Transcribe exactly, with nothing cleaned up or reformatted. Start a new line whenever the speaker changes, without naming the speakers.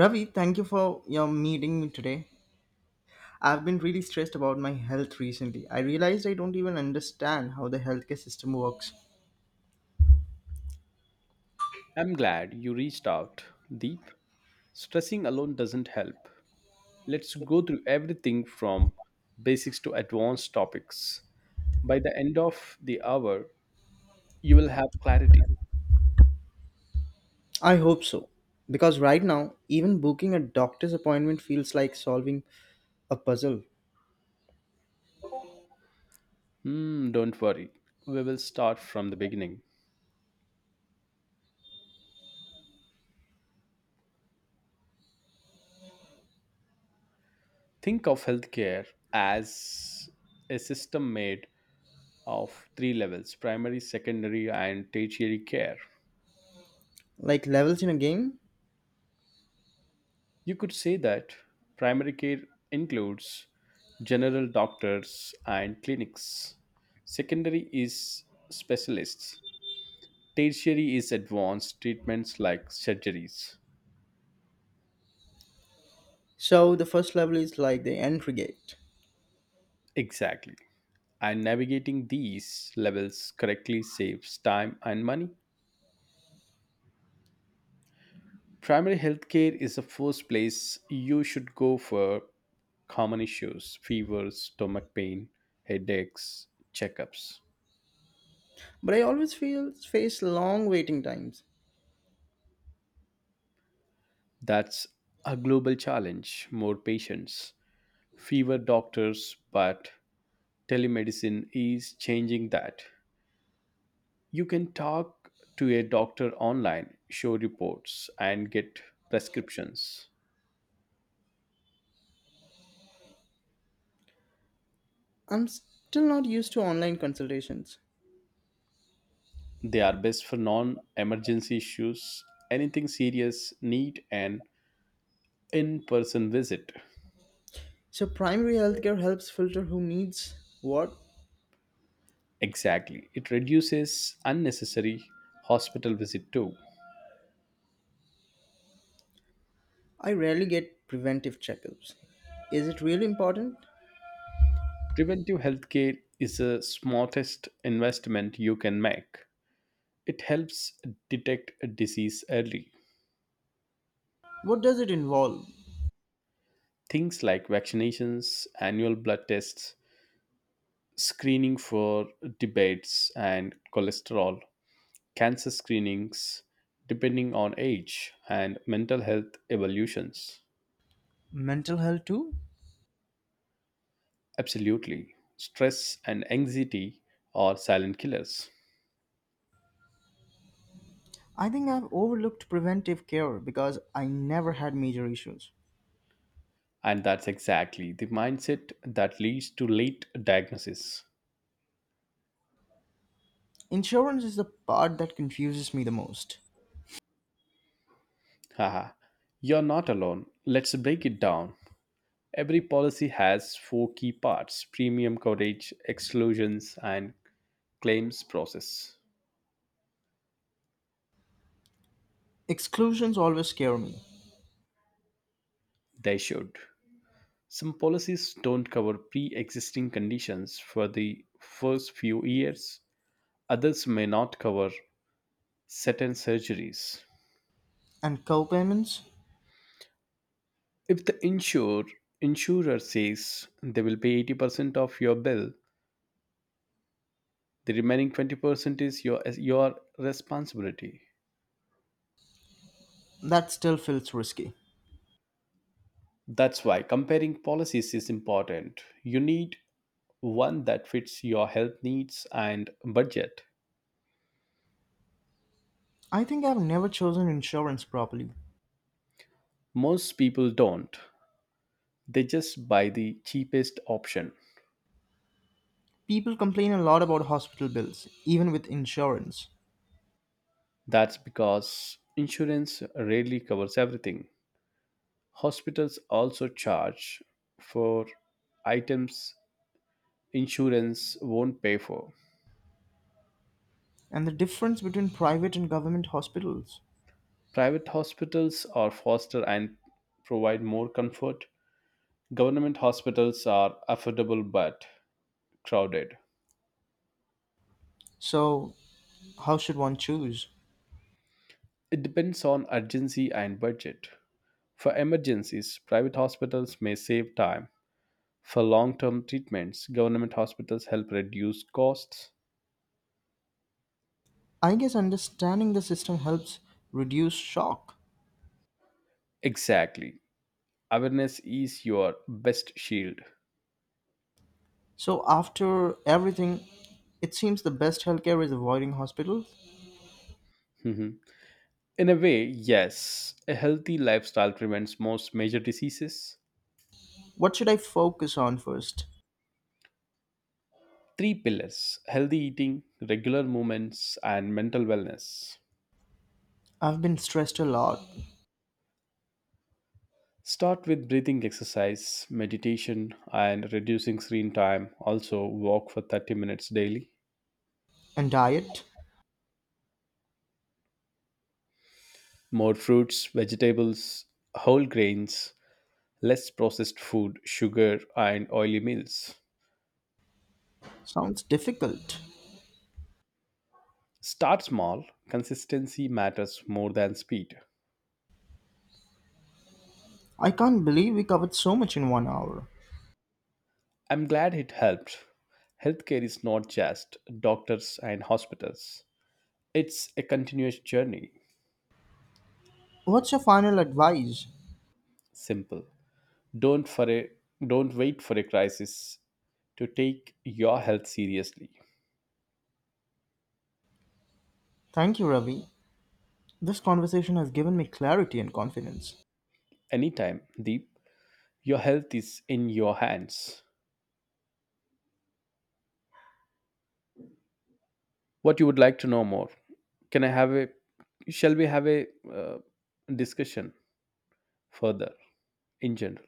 Ravi, thank you for your meeting me today. I've been really stressed about my health recently. I realized I don't even understand how the healthcare system works.
I'm glad you reached out, Deep. Stressing alone doesn't help. Let's go through everything from basics to advanced topics. By the end of the hour, you will have clarity.
I hope so. Because right now, even booking a doctor's appointment feels like solving a puzzle,
Hmm, don't worry. We will start from the beginning. Think of healthcare as a system made of three levels: primary, secondary, and tertiary care.
like levels in a game.
You could say that primary care includes general doctors and clinics. Secondary is specialists. Tertiary is advanced treatments like surgeries.
So the first level is like the entry gate.
Exactly. And navigating these levels correctly saves time and money. Primary healthcare is the first place you should go for common issues: fevers, stomach pain, headaches, checkups.
But I always feel face long waiting times.
That's a global challenge: more patients, fewer doctors, but telemedicine is changing that. You can talk to a doctor online, show reports, and get prescriptions.
I'm still not used to online consultations.
They are best for non emergency issues; anything serious, need an in person visit.
So primary healthcare helps filter who needs what.
Exactly. It reduces unnecessary hospital visit too.
I rarely get preventive checkups. Is it really important?
Preventive healthcare is the smartest investment you can make. It helps detect a disease early.
What does it involve?
Things like vaccinations, annual blood tests, screening for debates and cholesterol, cancer screenings, depending on age, and mental health evolutions.
Mental health too?
Absolutely. Stress and anxiety are silent killers.
I think I've overlooked preventive care because I never had major issues.
And that's exactly the mindset that leads to late diagnosis.
Insurance is the part that confuses me the most.
Haha, you're not alone. Let's break it down. Every policy has four key parts: premium coverage, exclusions, and claims process.
Exclusions always scare me,
They should. Some policies don't cover pre existing conditions for the first few years, others may not cover certain surgeries.
and co-payments?
If the insurer, insurer says they will pay eighty percent of your bill, the remaining twenty percent is your, your responsibility.
That still feels risky.
That's why comparing policies is important. You need one that fits your health needs and budget.
I think I've never chosen insurance properly.
Most people don't. They just buy the cheapest option.
People complain a lot about hospital bills, even with insurance,
That's because insurance rarely covers everything. Hospitals also charge for items insurance won't pay for.
and the difference between private and government hospitals.
Private hospitals are faster and provide more comfort. Government hospitals are affordable but crowded.
So, how should one choose?
It depends on urgency and budget. For emergencies, private hospitals may save time. For long term treatments, government hospitals help reduce costs.
I guess understanding the system helps reduce shock.
Exactly. Awareness is your best shield.
So, after everything, it seems the best healthcare is avoiding hospitals.
Mhm. In a way, yes, a healthy lifestyle prevents most major diseases.
What should I focus on first?
Three pillars: healthy eating, regular movements, and mental wellness.
I've been stressed a lot,
Start with breathing exercise, meditation, and reducing screen time. Also, walk for thirty minutes daily.
and diet
More fruits, vegetables, whole grains, less processed food, sugar, and oily meals.
sounds difficult.
Start small, consistency matters more than speed.
I can't believe we covered so much in one hour.
I'm glad it helped. Healthcare is not just doctors and hospitals. It's a continuous journey.
What's your final advice?
Simple. Don't for a, don't wait for a crisis to take your health seriously.
Thank you, Ravi. This conversation has given me clarity and confidence.
Anytime, Deep, your health is in your hands. What you would like to know more. Can I have a Shall we have a uh, discussion further in general?